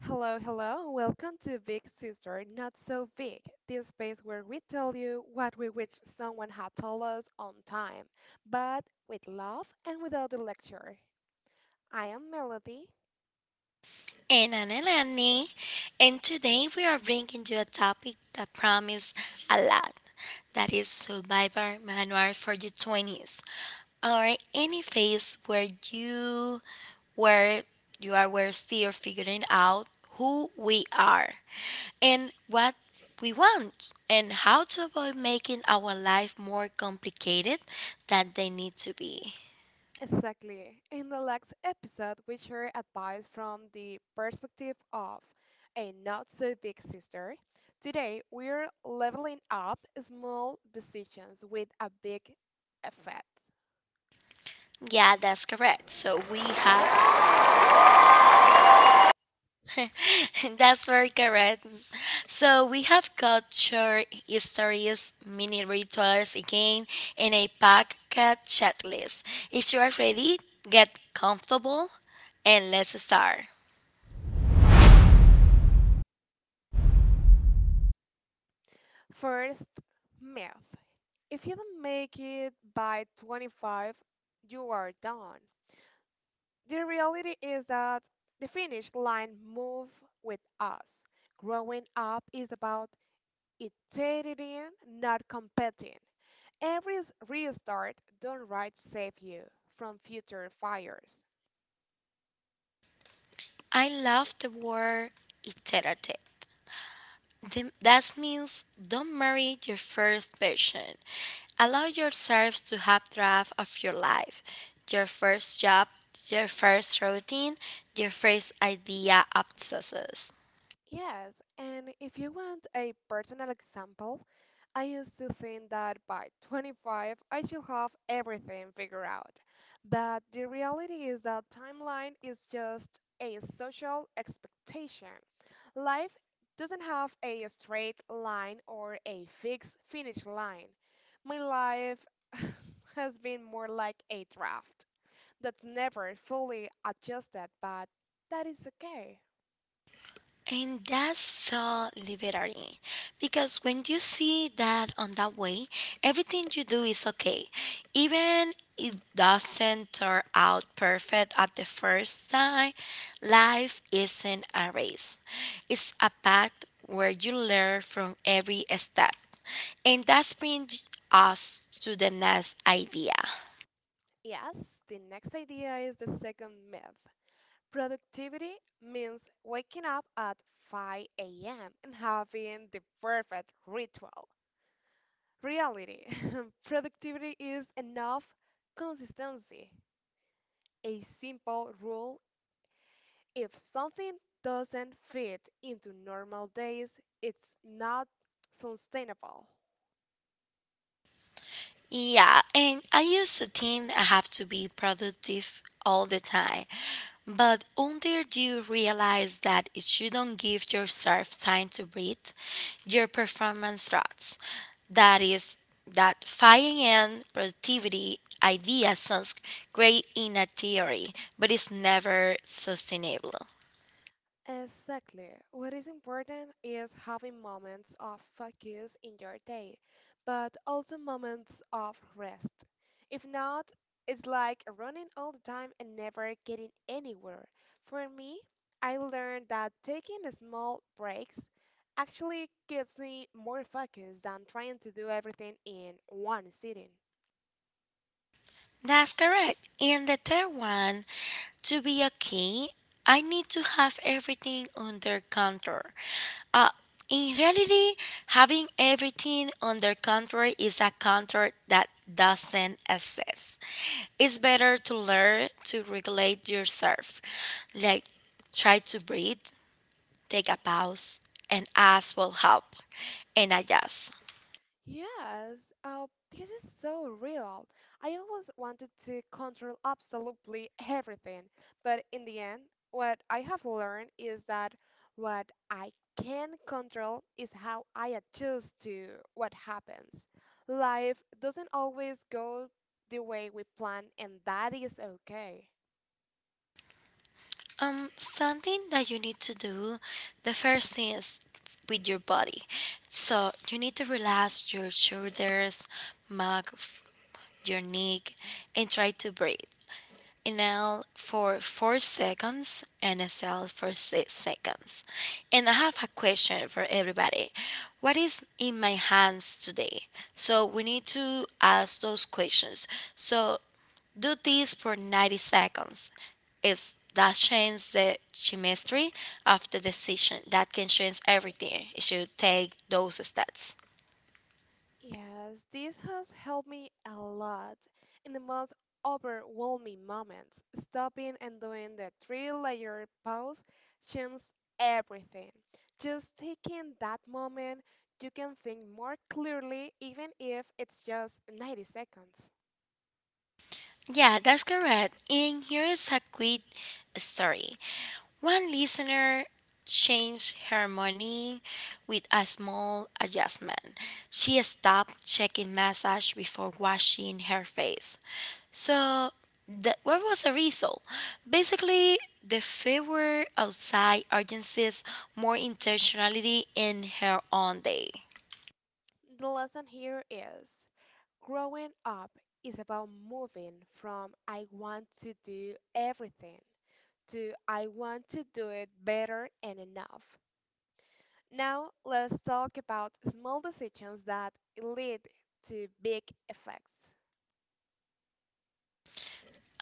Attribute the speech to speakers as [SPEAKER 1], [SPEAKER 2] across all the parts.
[SPEAKER 1] Hello, hello. Welcome to Big Sister Not So Big, this space where we tell you what we wish someone had told us on time, but with love and without the lecture. I am Melody.
[SPEAKER 2] And Anna and today we are bringing you a topic that promises a lot. That is Survivor Manual for your 20s, or any phase where where you are, where still figuring out who we are, and what we want, and how to avoid making our life more complicated than they need to be.
[SPEAKER 1] Exactly. In the last episode, we share advice from the perspective of a not so big sister. Today, we're leveling up small decisions with a big effect.
[SPEAKER 2] Yeah, that's correct. So we have That's very correct. So we have culture, stories, mini rituals again, and a packed checklist. If you are ready, get comfortable and let's start.
[SPEAKER 1] First, myth. If you don't make it by 25, you are done. The reality is that the finish line move with us. Growing up is about iterating, not competing. Restart don't right save you from future fires.
[SPEAKER 2] I love the word iterative. That means don't marry your first version. Allow yourself to have draft of your life, your first job, your first routine, your first idea of success.
[SPEAKER 1] Yes, and if you want a personal example, I used to think that by 25 I should have everything figured out. But the reality is that timeline is just a social expectation. Life doesn't have a straight line or a fixed finish line. My life has been more like a draft that's never fully adjusted, but that is okay.
[SPEAKER 2] And that's so liberating because when you see that on that way, everything you do is okay. Even it doesn't turn out perfect at the first time, life isn't a race. It's a path where you learn from every step. And that brings us to the next idea.
[SPEAKER 1] Yes, the next idea is the second myth. Productivity means waking up at 5 a.m. and having the perfect ritual. Reality productivity is enough consistency, a simple rule. If something doesn't fit into normal days, it's not sustainable.
[SPEAKER 2] Yeah, and I used to think I have to be productive all the time. But until you realize that if you don't give yourself time to breathe, your performance drops. That is, that 5 a.m. productivity idea sounds great in a theory, but it's never sustainable.
[SPEAKER 1] Exactly. What is important is having moments of focus in your day, but also moments of rest. If not, it's like running all the time and never getting anywhere. For me, I learned that taking small breaks actually gives me more focus than trying to do everything in one sitting.
[SPEAKER 2] That's correct. And the third one, to be a king, I need to have everything under control. Uh, in reality, having everything under control is a control that doesn't exist. It's better to learn to regulate yourself, like try to breathe, take a pause, and ask for help, and adjust.
[SPEAKER 1] Yes, this is so real. I always wanted to control absolutely everything, but in the end, what I have learned is that what I can control is how I adjust to what happens. Life doesn't always go the way we plan, and that is okay.
[SPEAKER 2] Something that you need to do, the first thing is with your body. So you need to relax your shoulders, mug, your neck, and try to breathe. NL for 4 seconds, and NSL for 6 seconds. And I have a question for everybody. What is in my hands today? So we need to ask those questions. So do this for 90 seconds. It's that changes the chemistry of the decision. That can change everything. It should take those steps.
[SPEAKER 1] Yes, this has helped me a lot in the most overwhelming moments. Stopping and doing the three-layer pause changes everything. Just taking that moment, you can think more clearly, even if it's just 90 seconds.
[SPEAKER 2] Yeah, that's correct. And here is a quick story. One listener changed her money with a small adjustment. She stopped checking massage before washing her face. So, what was the result? Basically, the favor outside urgencies more intentionality in her own day.
[SPEAKER 1] The lesson here is growing up is about moving from I want to do everything to I want to do it better and enough. Now, let's talk about small decisions that lead to big effects.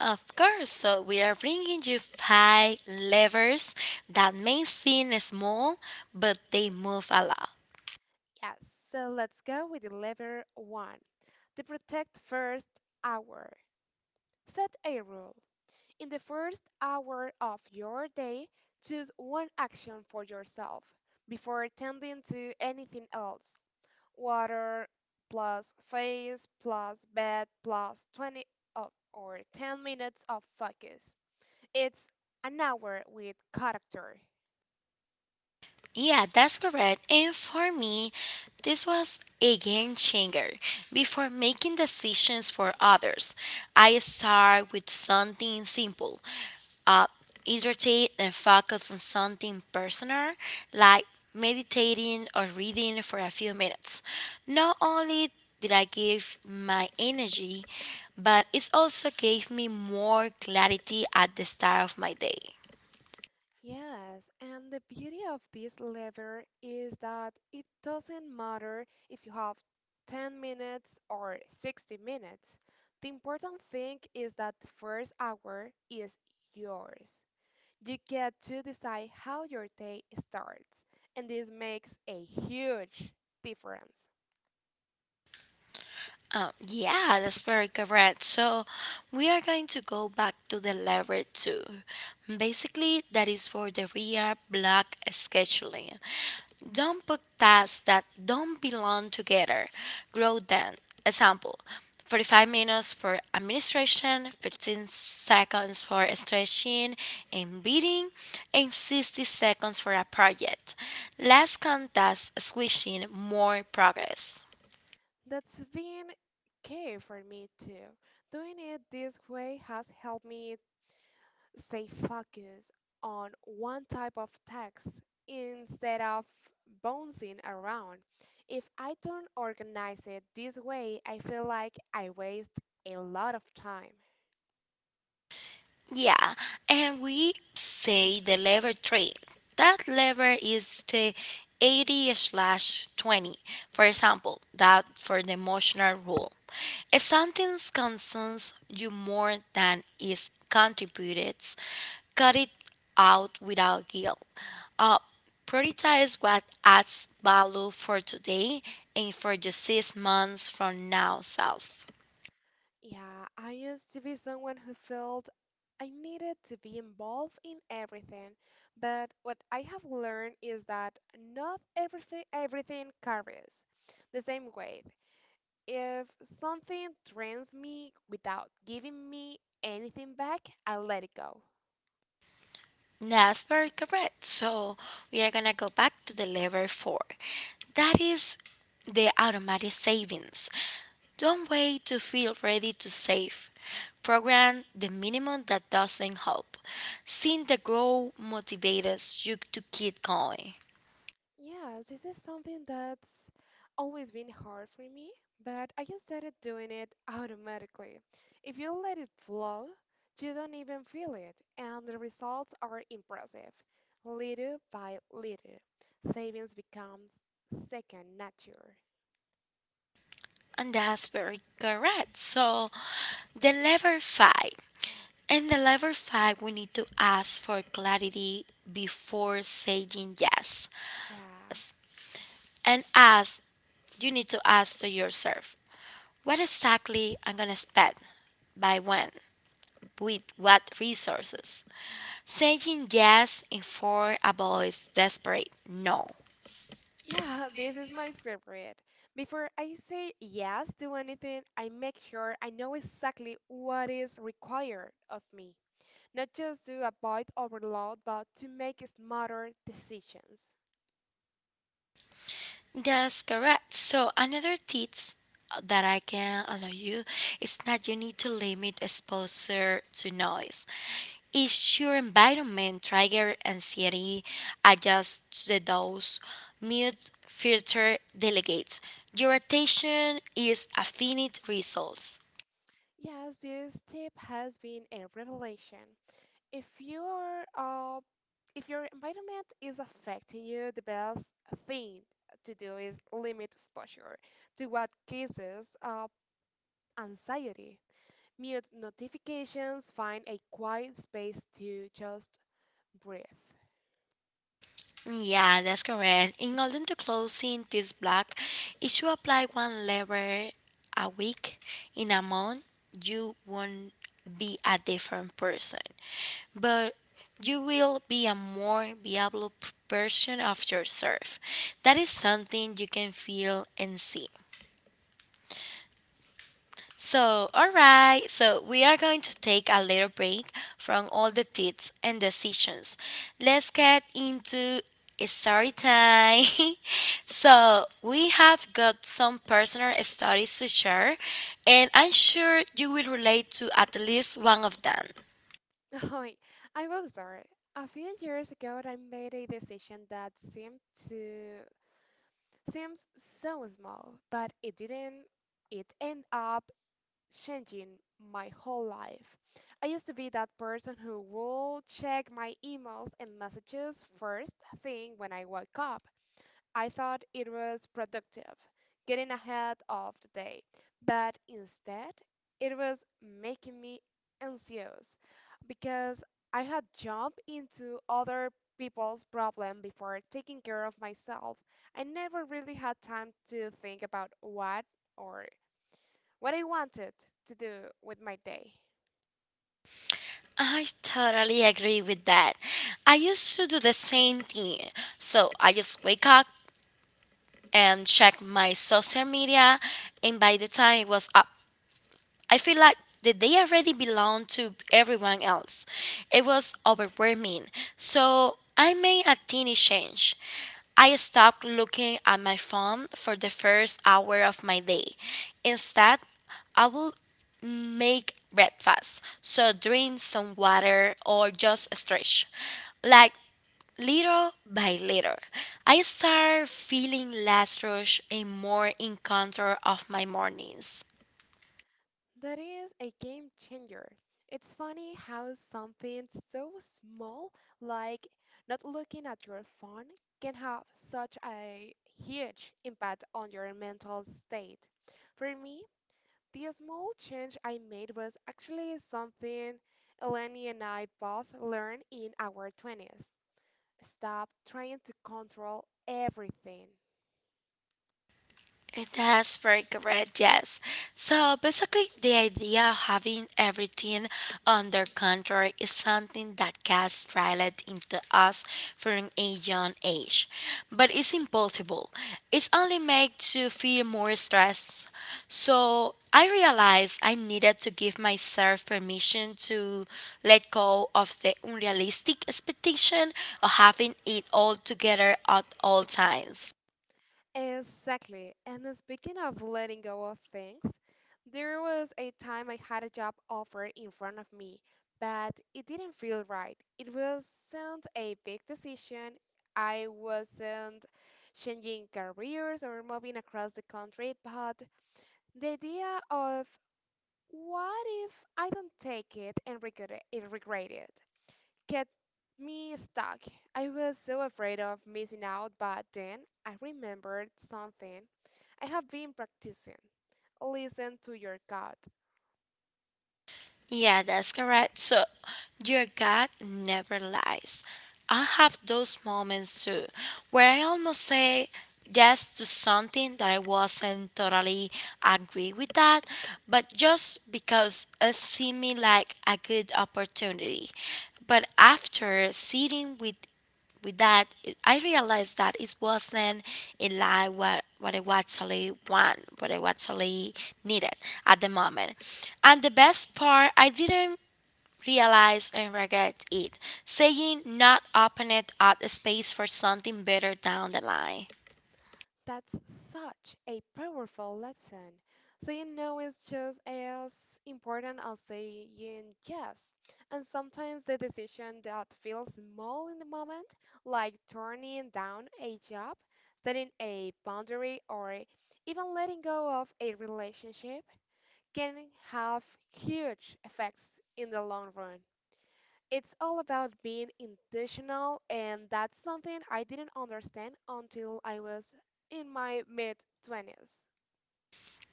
[SPEAKER 2] Of course, so we are bringing you five levers that may seem small, but they move a lot.
[SPEAKER 1] Yes, so let's go with the lever one, the protect first hour. Set a rule. In the first hour of your day, choose one action for yourself before attending to anything else. Water plus face plus bed plus 20 o- or 10 minutes of focus. It's an hour with character.
[SPEAKER 2] Yeah, that's correct. And for me, this was a game changer. Before making decisions for others, I start with something simple. Uh, irritate and focus on something personal, like meditating or reading for a few minutes. Not only did I give my energy, but it also gave me more clarity at the start of my day.
[SPEAKER 1] Yes, and the beauty of this lever is that it doesn't matter if you have 10 minutes or 60 minutes. The important thing is that the first hour is yours. You get to decide how your day starts, and this makes a huge difference.
[SPEAKER 2] Yeah, that's very correct. So we are going to go back to the level two. Basically, that is for the rear block scheduling. Don't put tasks that don't belong together. Grow them. Example 45 minutes for administration, 15 seconds for stretching and breathing, and 60 seconds for a project. Less contact, squishing more progress.
[SPEAKER 1] That's been key for me too. Doing it this way has helped me stay focused on one type of task instead of bouncing around. If I don't organize it this way, I feel like I waste a lot of time.
[SPEAKER 2] Yeah, and we say the lever three. That lever is the 80 slash 20, for example, that for the emotional rule. If something concerns you more than is contributed, cut it out without guilt. Uh, prioritize what adds value for today and for the 6 months from now self.
[SPEAKER 1] Yeah, I used to be someone who felt I needed to be involved in everything, but what I have learned is that not everything carries the same weight. If something drains me without giving me anything back, I let it go.
[SPEAKER 2] That's very correct. So we are gonna go back to the level four. That is the automatic savings. Don't wait to feel ready to save. Program the minimum that doesn't help. Seeing the grow motivates you to keep going.
[SPEAKER 1] Yes, this is something that's always been hard for me, but I just started doing it automatically. If you let it flow, you don't even feel it, and the results are impressive. Little by little, savings becomes second nature.
[SPEAKER 2] And that's very correct. So the level five. In the level five, we need to ask for clarity before saying yes.
[SPEAKER 1] Yeah.
[SPEAKER 2] and ask you need to ask to yourself what exactly I'm going to spend, by when, with what resources. Saying yes in four avoids desperate no.
[SPEAKER 1] Yeah, this is my favorite. Before I say yes to anything, I make sure I know exactly what is required of me, not just to avoid overload, but to make smarter decisions.
[SPEAKER 2] That's correct. So another tips that I can allow you is that you need to limit exposure to noise. Is your environment trigger anxiety? Adjust to the dose, mute, filter, delegate. Your attention is a finite resource.
[SPEAKER 1] Yes, this tip has been a revelation. If your uh, if your environment is affecting you, the best thing to do is limit exposure to what causes anxiety. Mute notifications, find a quiet space to just breathe.
[SPEAKER 2] Yeah, that's correct. In order to closing this block, if you apply one lever a week in a month, you won't be a different person, but you will be a more viable version of yourself. That is something you can feel and see. So, all right. So, we are going to take a little break from all the tips and decisions. Let's get into story time. So, we have got some personal stories to share, and I'm sure you will relate to at least one of them.
[SPEAKER 1] Hi, I will start. A few years ago, I made a decision that seemed to seems so small, but it didn't. It ended up changing my whole life. I used to be that person who would check my emails and messages first thing when I woke up. I thought it was productive, getting ahead of the day, but instead it was making me anxious because I had jumped into other people's problem before taking care of myself. I never really had time to think about or what I wanted to do with my day.
[SPEAKER 2] I totally agree with that. I used to do the same thing. So, I just wake up and check my social media, and by the time it was up I feel like that they already belong to everyone else. It was overwhelming. So I made a teeny change. I stopped looking at my phone for the first hour of my day. Instead, I will make breakfast. So drink some water or just stretch. Like little by little, I start feeling less rush and more in control of my mornings.
[SPEAKER 1] That is a game changer. It's funny how something so small, like not looking at your phone, can have such a huge impact on your mental state. For me, the small change I made was actually something Eleni and I both learned in our 20s. Stop trying to control everything.
[SPEAKER 2] It has very correct, yes. So basically, the idea of having everything under control is something that gets drilled into us from a young age, but it's impossible. It's only made to feel more stress. So I realized I needed to give myself permission to let go of the unrealistic expectation of having it all together at all times.
[SPEAKER 1] Exactly. And then speaking of letting go of things, there was a time I had a job offer in front of me, but it didn't feel right. It wasn't a big decision. I wasn't changing careers or moving across the country, but the idea of what if I don't take it and regret it kept me stuck. I was so afraid of missing out, but then I remembered something I have been practicing. Listen to your gut.
[SPEAKER 2] Yeah, that's correct. So your God never lies. I have those moments too where I almost say yes to something that I wasn't totally agree with that, but just because it seemed like a good opportunity. But after sitting with that, I realized that it wasn't in line what I actually want, what I actually needed at the moment. And the best part, I didn't realize and regret it. Saying not opened up a space for something better down the line.
[SPEAKER 1] That's such a powerful lesson. Saying no is just as important as saying yes. And sometimes the decision that feels small in the moment, like turning down a job, setting a boundary, or even letting go of a relationship, can have huge effects in the long run. It's all about being intentional, and that's something I didn't understand until I was in my mid 20s.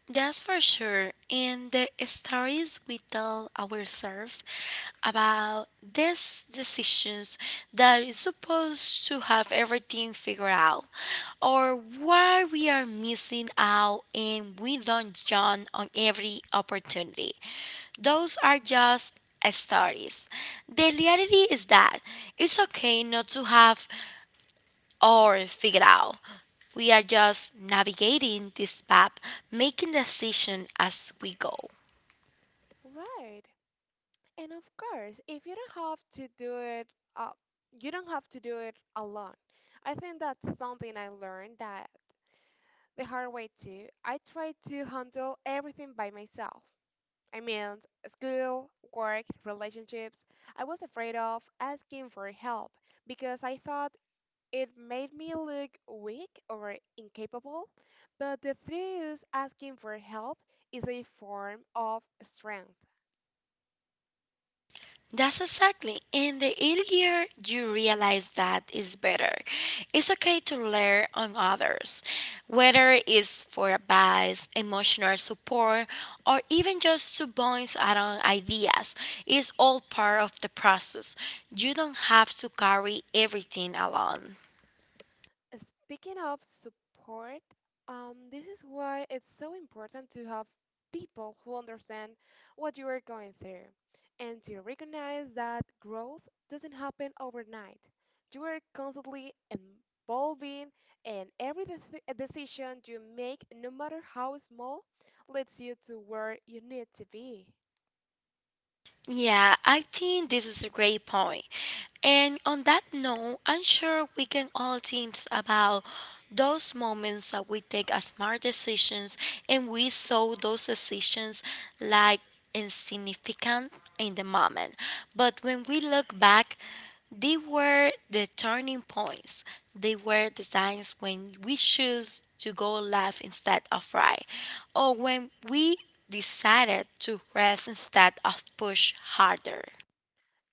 [SPEAKER 2] That's for sure. And the stories we tell ourselves about these decisions that is supposed to have everything figured out, or why we are missing out and we don't jump on every opportunity. Those are just stories. The reality is that it's okay not to have or figured out. We are just navigating this map, making decisions as we go.
[SPEAKER 1] Right. And of course, if you don't have to do it, uh, you don't have to do it alone. I think that's something I learned that the hard way too. I tried to handle everything by myself. I mean, school, work, relationships. I was afraid of asking for help because I thought it made me look weak or incapable, but the threat is asking for help is a form of strength.
[SPEAKER 2] That's exactly. And the earlier you realize that is better. It's okay to learn on others, whether it's for advice, emotional support, or even just to bounce around ideas. It's all part of the process. You don't have to carry everything alone.
[SPEAKER 1] Speaking of support, this is why it's so important to have people who understand what you are going through and to recognize that growth doesn't happen overnight. You are constantly evolving, and every decision you make, no matter how small, leads you to where you need to be.
[SPEAKER 2] Yeah, I think this is a great point. And on that note, I'm sure we can all think about those moments that we take as smart decisions and we saw those decisions like insignificant in the moment. But when we look back, they were the turning points. They were the times when we choose to go left instead of right, or when we decided to rest instead of push harder.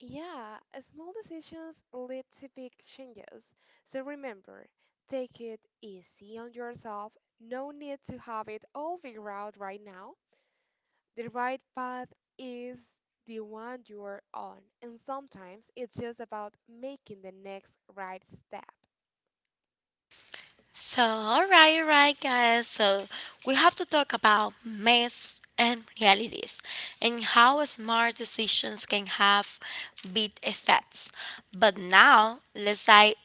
[SPEAKER 1] Yeah, small decisions lead to big changes. So remember, take it easy on yourself. No need to have it all figured out right now. The right path is the one you're on, and sometimes it's just about making the next right step.
[SPEAKER 2] So, all right, guys. So, we have to talk about myths and realities and how smart decisions can have big effects. But now, let's dive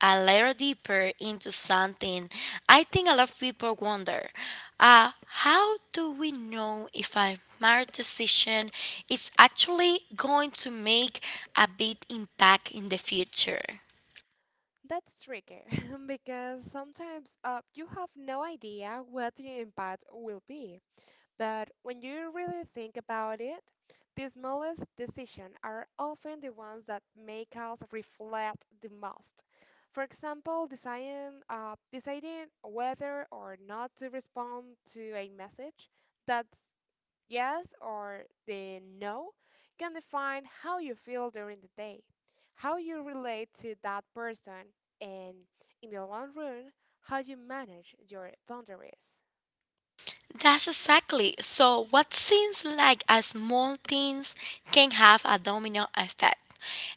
[SPEAKER 2] a little deeper into something I think a lot of people wonder. Uh, how do we know if a smart decision is actually going to make a big impact in the future?
[SPEAKER 1] That's tricky because sometimes you have no idea what the impact will be. But when you really think about it, the smallest decisions are often the ones that make us reflect the most. For example, deciding whether or not to respond to a message, that's yes or the no, can define how you feel during the day, how you relate to that person, and in the long run, how you manage your boundaries.
[SPEAKER 2] That's exactly. So, what seems like a small things can have a domino effect.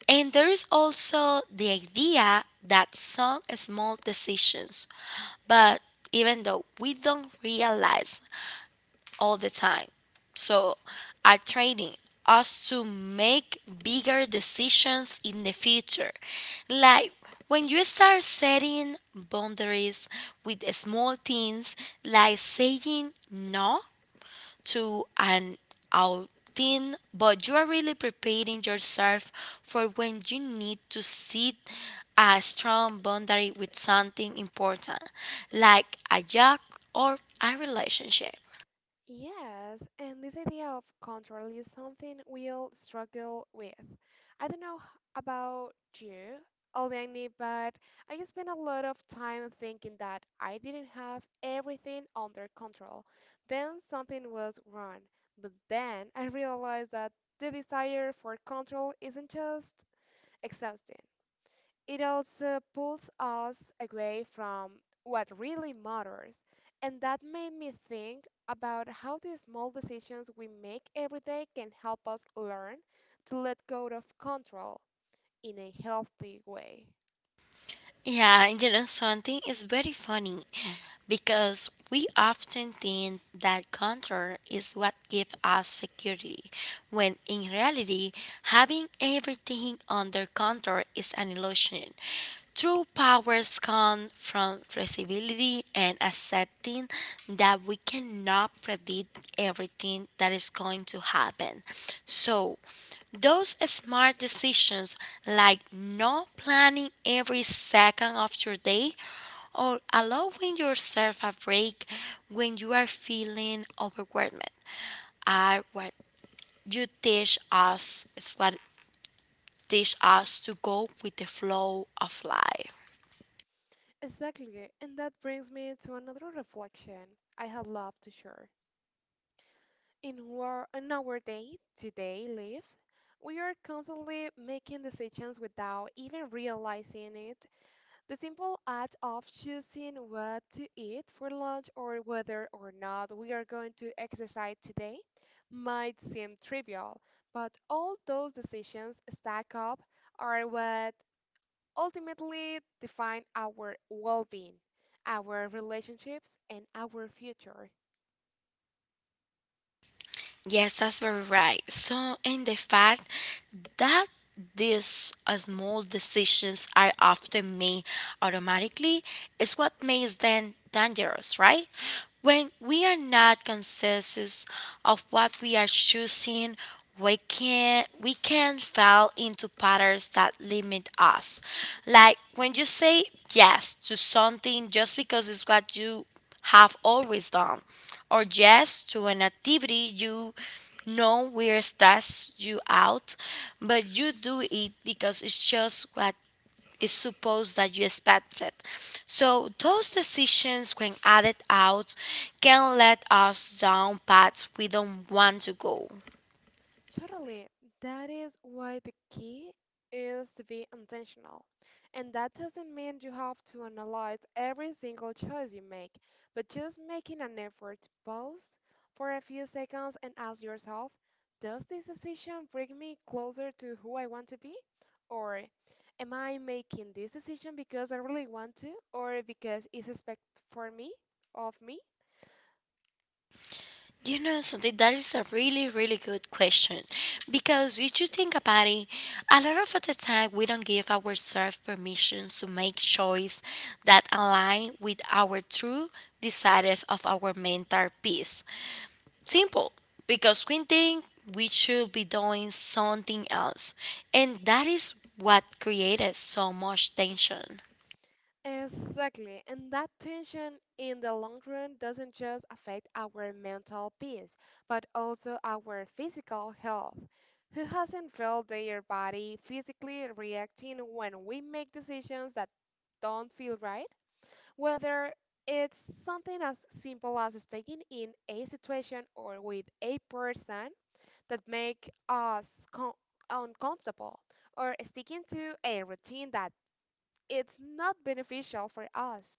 [SPEAKER 2] And there is also the idea that some small decisions, but even though we don't realize all the time, so are training us to make bigger decisions in the future. Like when you start setting boundaries with small things, like saying no to an outing, but you are really preparing yourself for when you need to set a strong boundary with something important, like a job or a relationship.
[SPEAKER 1] Yes, and this idea of control is something we'll struggle with. I don't know about you, Aldani, but I just spent a lot of time thinking that I didn't have everything under control. Then something was wrong. But then I realized that the desire for control isn't just exhausting. It also pulls us away from what really matters. And that made me think about how the small decisions we make every day can help us learn to let go of control in a healthy way.
[SPEAKER 2] Yeah, and you know something is very funny because we often think that control is what gives us security, when in reality, having everything under control is an illusion. True powers come from responsibility and accepting that we cannot predict everything that is going to happen. So, those smart decisions, like not planning every second of your day or allowing yourself a break when you are feeling overwhelmed, are what you teach us, is what teach us to go with the flow of life.
[SPEAKER 1] Exactly, and that brings me to another reflection I had loved to share. In our day-to-day life, we are constantly making decisions without even realizing it. The simple act of choosing what to eat for lunch or whether or not we are going to exercise today might seem trivial, but all those decisions stack up are what ultimately define our well being, our relationships, and our future.
[SPEAKER 2] Yes, that's very right. So, in the fact that these small decisions are often made automatically is what makes them dangerous, right? When we are not conscious of what we are choosing, we can fall into patterns that limit us. Like when you say yes to something just because it's what you have always done or yes to an activity you know will stress you out, but you do it because it's just what is supposed that you expected. So those decisions when added out can let us down paths we don't want to go.
[SPEAKER 1] Totally. That is why the key is to be intentional. And that doesn't mean you have to analyze every single choice you make, but just making an effort to pause for a few seconds and ask yourself, does this decision bring me closer to who I want to be? Or am I making this decision because I really want to, or because it's expected of me?
[SPEAKER 2] You know something, that is a really, really good question. Because if you think about it, a lot of the time we don't give ourselves permission to make choice that align with our true desire of our mental peace. Simple, because we think we should be doing something else. And that is what created so much tension.
[SPEAKER 1] Exactly. And that tension in the long run doesn't just affect our mental peace, but also our physical health. Who hasn't felt their body physically reacting when we make decisions that don't feel right? Whether it's something as simple as staying in a situation or with a person that make us uncomfortable, or sticking to a routine that it's not beneficial for us.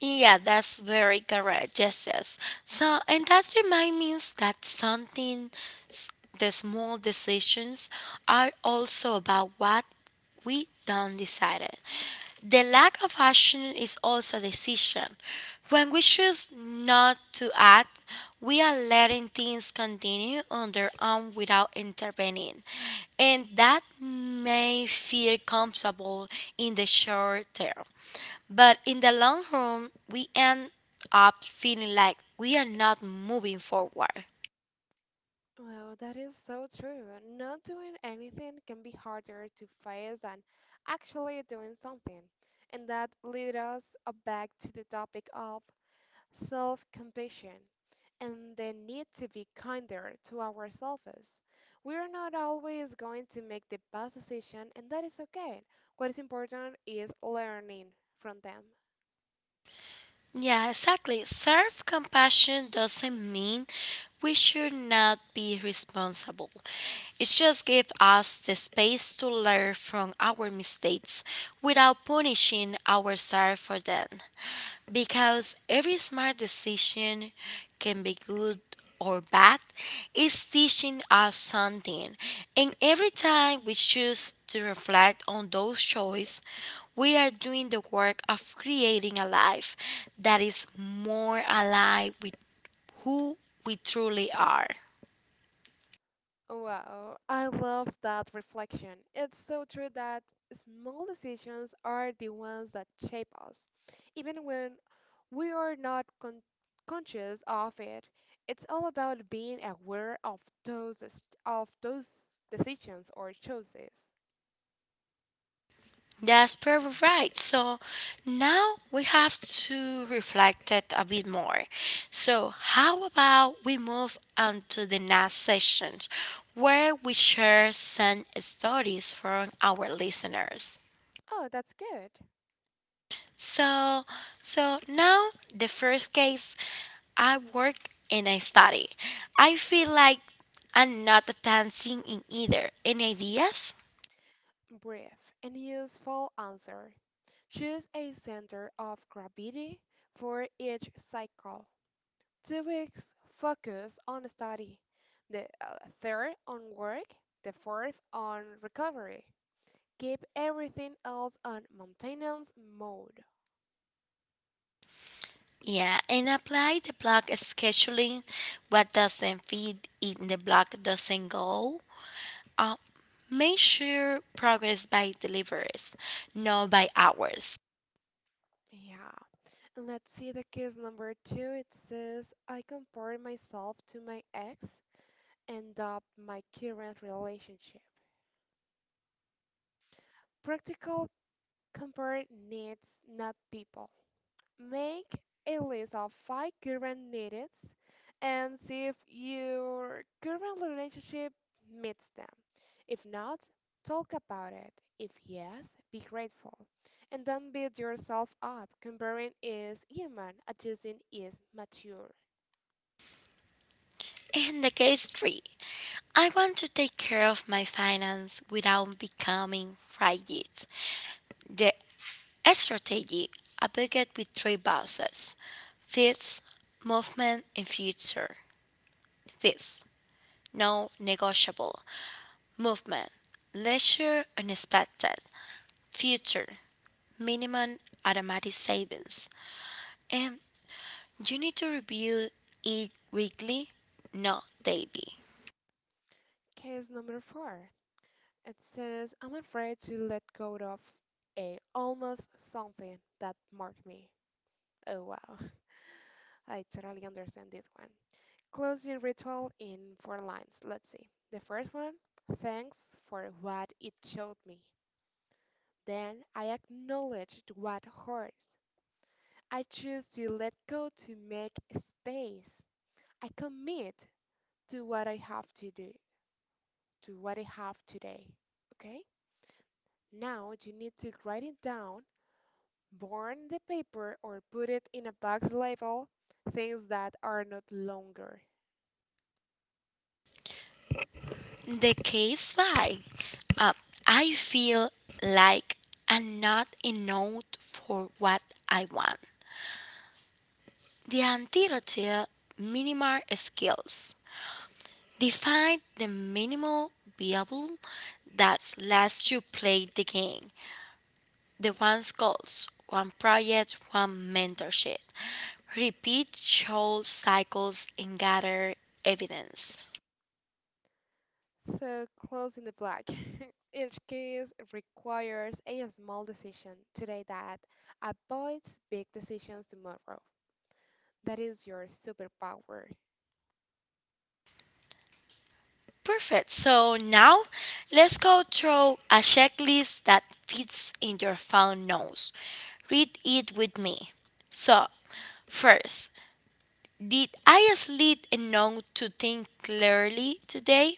[SPEAKER 2] Yeah, that's very correct. Yes, yes. So, and that reminds me that something, s- the small decisions are also about what we don't decided. The lack of action is also a decision. When we choose not to act, we are letting things continue on their own without intervening. And that may feel comfortable in the short term. But in the long run, we end up feeling like we are not moving forward.
[SPEAKER 1] Well, that is so true. Not doing anything can be harder to face than actually doing something. And that leads us back to the topic of self-compassion and the need to be kinder to ourselves. We are not always going to make the best decision, and that is okay. What is important is learning from them.
[SPEAKER 2] Yeah, exactly. Self compassion doesn't mean we should not be responsible. It just gives us the space to learn from our mistakes without punishing ourselves for them, because every smart decision can be good or bad is teaching us something, and every time we choose to reflect on those choices we are doing the work of creating a life that is more alive with who we truly are.
[SPEAKER 1] Wow, I love that reflection. It's so true that small decisions are the ones that shape us, even when we are not con conscious of it. It's all about being aware of of those decisions or choices.
[SPEAKER 2] That's perfect, right? So now we have to reflect it a bit more. So how about we move on to the next session, where we share some stories from our listeners.
[SPEAKER 1] Oh, that's good.
[SPEAKER 2] So, so now the first case, I work and I study. I feel like I'm not advancing in either. Any ideas?
[SPEAKER 1] Brief and useful answer. Choose a center of gravity for each cycle. 2 weeks focus on study, the third on work, the fourth on recovery. Keep everything else on maintenance mode.
[SPEAKER 2] Yeah, and apply the block scheduling. What doesn't fit in the block doesn't go. Uh, measure progress by deliveries, not by hours.
[SPEAKER 1] Yeah. And let's see the case number two. It says, I compared myself to my ex and up my current relationship. Practical, compare needs, not people. Make a list of five current needs and see if your current relationship meets them. If not, talk about it. If yes, be grateful. And don't beat yourself up. Comparing is human, adjusting is mature.
[SPEAKER 2] And the case three, I want to take care of my finance without becoming rigid. The strategy, a bucket with three bosses, fits, movement, and future. Fits, no negotiable, movement, leisure, unexpected. Future minimum automatic savings. And you need to review it weekly, not daily.
[SPEAKER 1] Case number four. It says, I'm afraid to let go of a almost something that marked me. Oh wow, I totally understand this one. Close the ritual in four lines. Let's see. The first one, thanks for what it showed me. Then I acknowledged what hurts. I choose to let go to make space. I commit to what I have to do, to what I have today. Okay? Now you need to write it down, burn the paper, or put it in a box label things that are not longer.
[SPEAKER 2] The case by uh, I feel like I'm not enough for what I want. The antidote minimal skills. Define the minimal viable that lets you play the game. The one's goals, one project, one mentorship. Repeat short cycles and gather evidence.
[SPEAKER 1] So, closing the black. Each case requires a small decision today that avoids big decisions tomorrow. That is your superpower.
[SPEAKER 2] Perfect. So now let's go through a checklist that fits in your phone notes. Read it with me. So, first, did I sleep enough to think clearly today?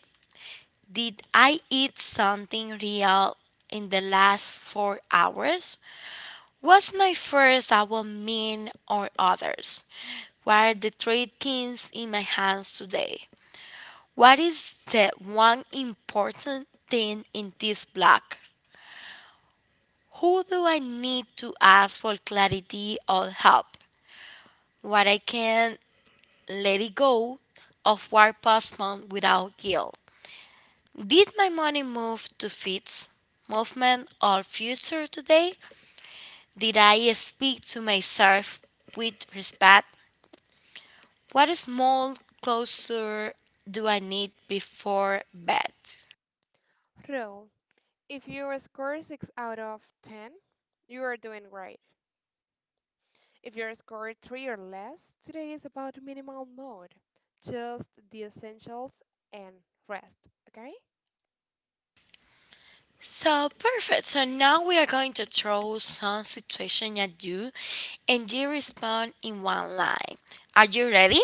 [SPEAKER 2] Did I eat something real in the last 4 hours? What's my first I will mean or others? What are the three things in my hands today? What is the one important thing in this block? Who do I need to ask for clarity or help? What I can let it go of what past without guilt. Did my money move to fits, movement, or future today? Did I speak to myself with respect? What small closure do I need before bed?
[SPEAKER 1] Rule. If your score is 6 out of 10, you are doing great. If your score 3 or less, today is about minimal mode. Just the essentials and rest. Okay?
[SPEAKER 2] So perfect. So now we are going to throw some situation at you and you respond in one line. Are you ready?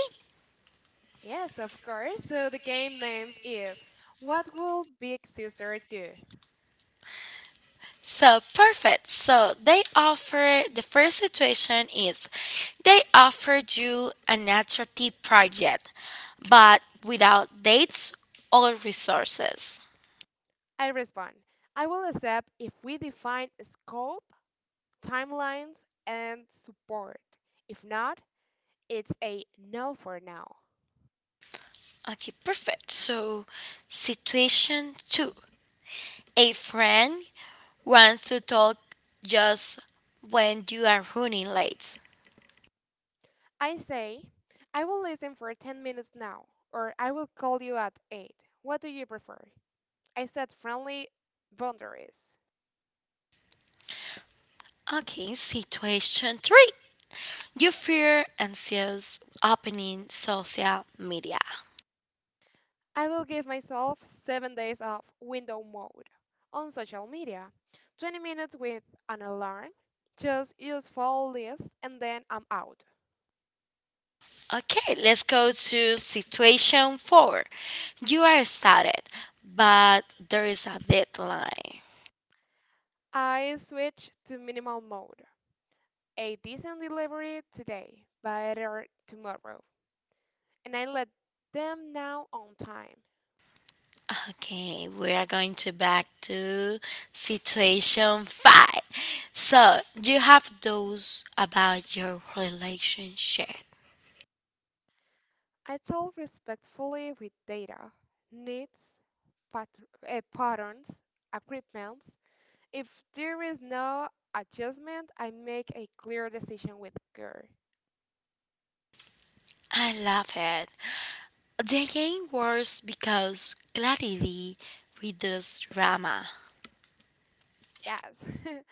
[SPEAKER 1] Yes, of course. So the game names is What Will Big Sister Do?
[SPEAKER 2] So perfect. So they offer the first situation is they offered you an attractive project but without dates or resources.
[SPEAKER 1] I respond. I will accept if we define scope, timelines, and support. If not, it's a no for now.
[SPEAKER 2] Okay, perfect. So situation two. A friend wants to talk just when you are running late.
[SPEAKER 1] I say, I will listen for 10 minutes now, or I will call you at 8. What do you prefer? I set friendly boundaries.
[SPEAKER 2] Okay, situation three. You fear anxious opening social media.
[SPEAKER 1] I will give myself 7 days of window mode. On social media, 20 minutes with an alarm, just use follow list, and then I'm out.
[SPEAKER 2] Okay, let's go to situation four. You are started, but there is a deadline.
[SPEAKER 1] I switch to minimal mode. A decent delivery today, better tomorrow. And I let them know on time.
[SPEAKER 2] Okay, we are going to back to situation five. So you have those about your relationship.
[SPEAKER 1] I told respectfully with data, needs, pat- patterns, equipments. If there is no adjustment, I make a clear decision with care.
[SPEAKER 2] I love it. The game works because clarity reduces drama
[SPEAKER 1] Yes.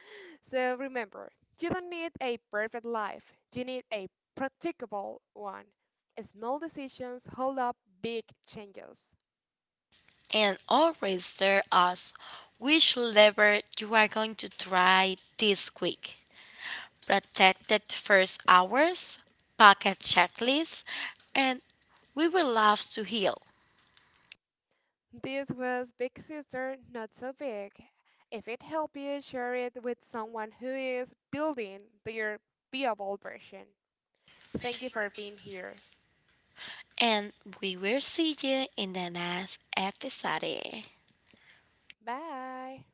[SPEAKER 1] So remember, you don't need a perfect life. You need a practicable one. Small decisions hold up big changes.
[SPEAKER 2] and always tells us which lever you are going to try this week. Protected first hours, pocket checklist, and we will love to heal.
[SPEAKER 1] This was Big Sister Not So Big. If it helped you, share it with someone who is building their beable version. Thank you for being here.
[SPEAKER 2] And we will see you in the next episode.
[SPEAKER 1] Bye.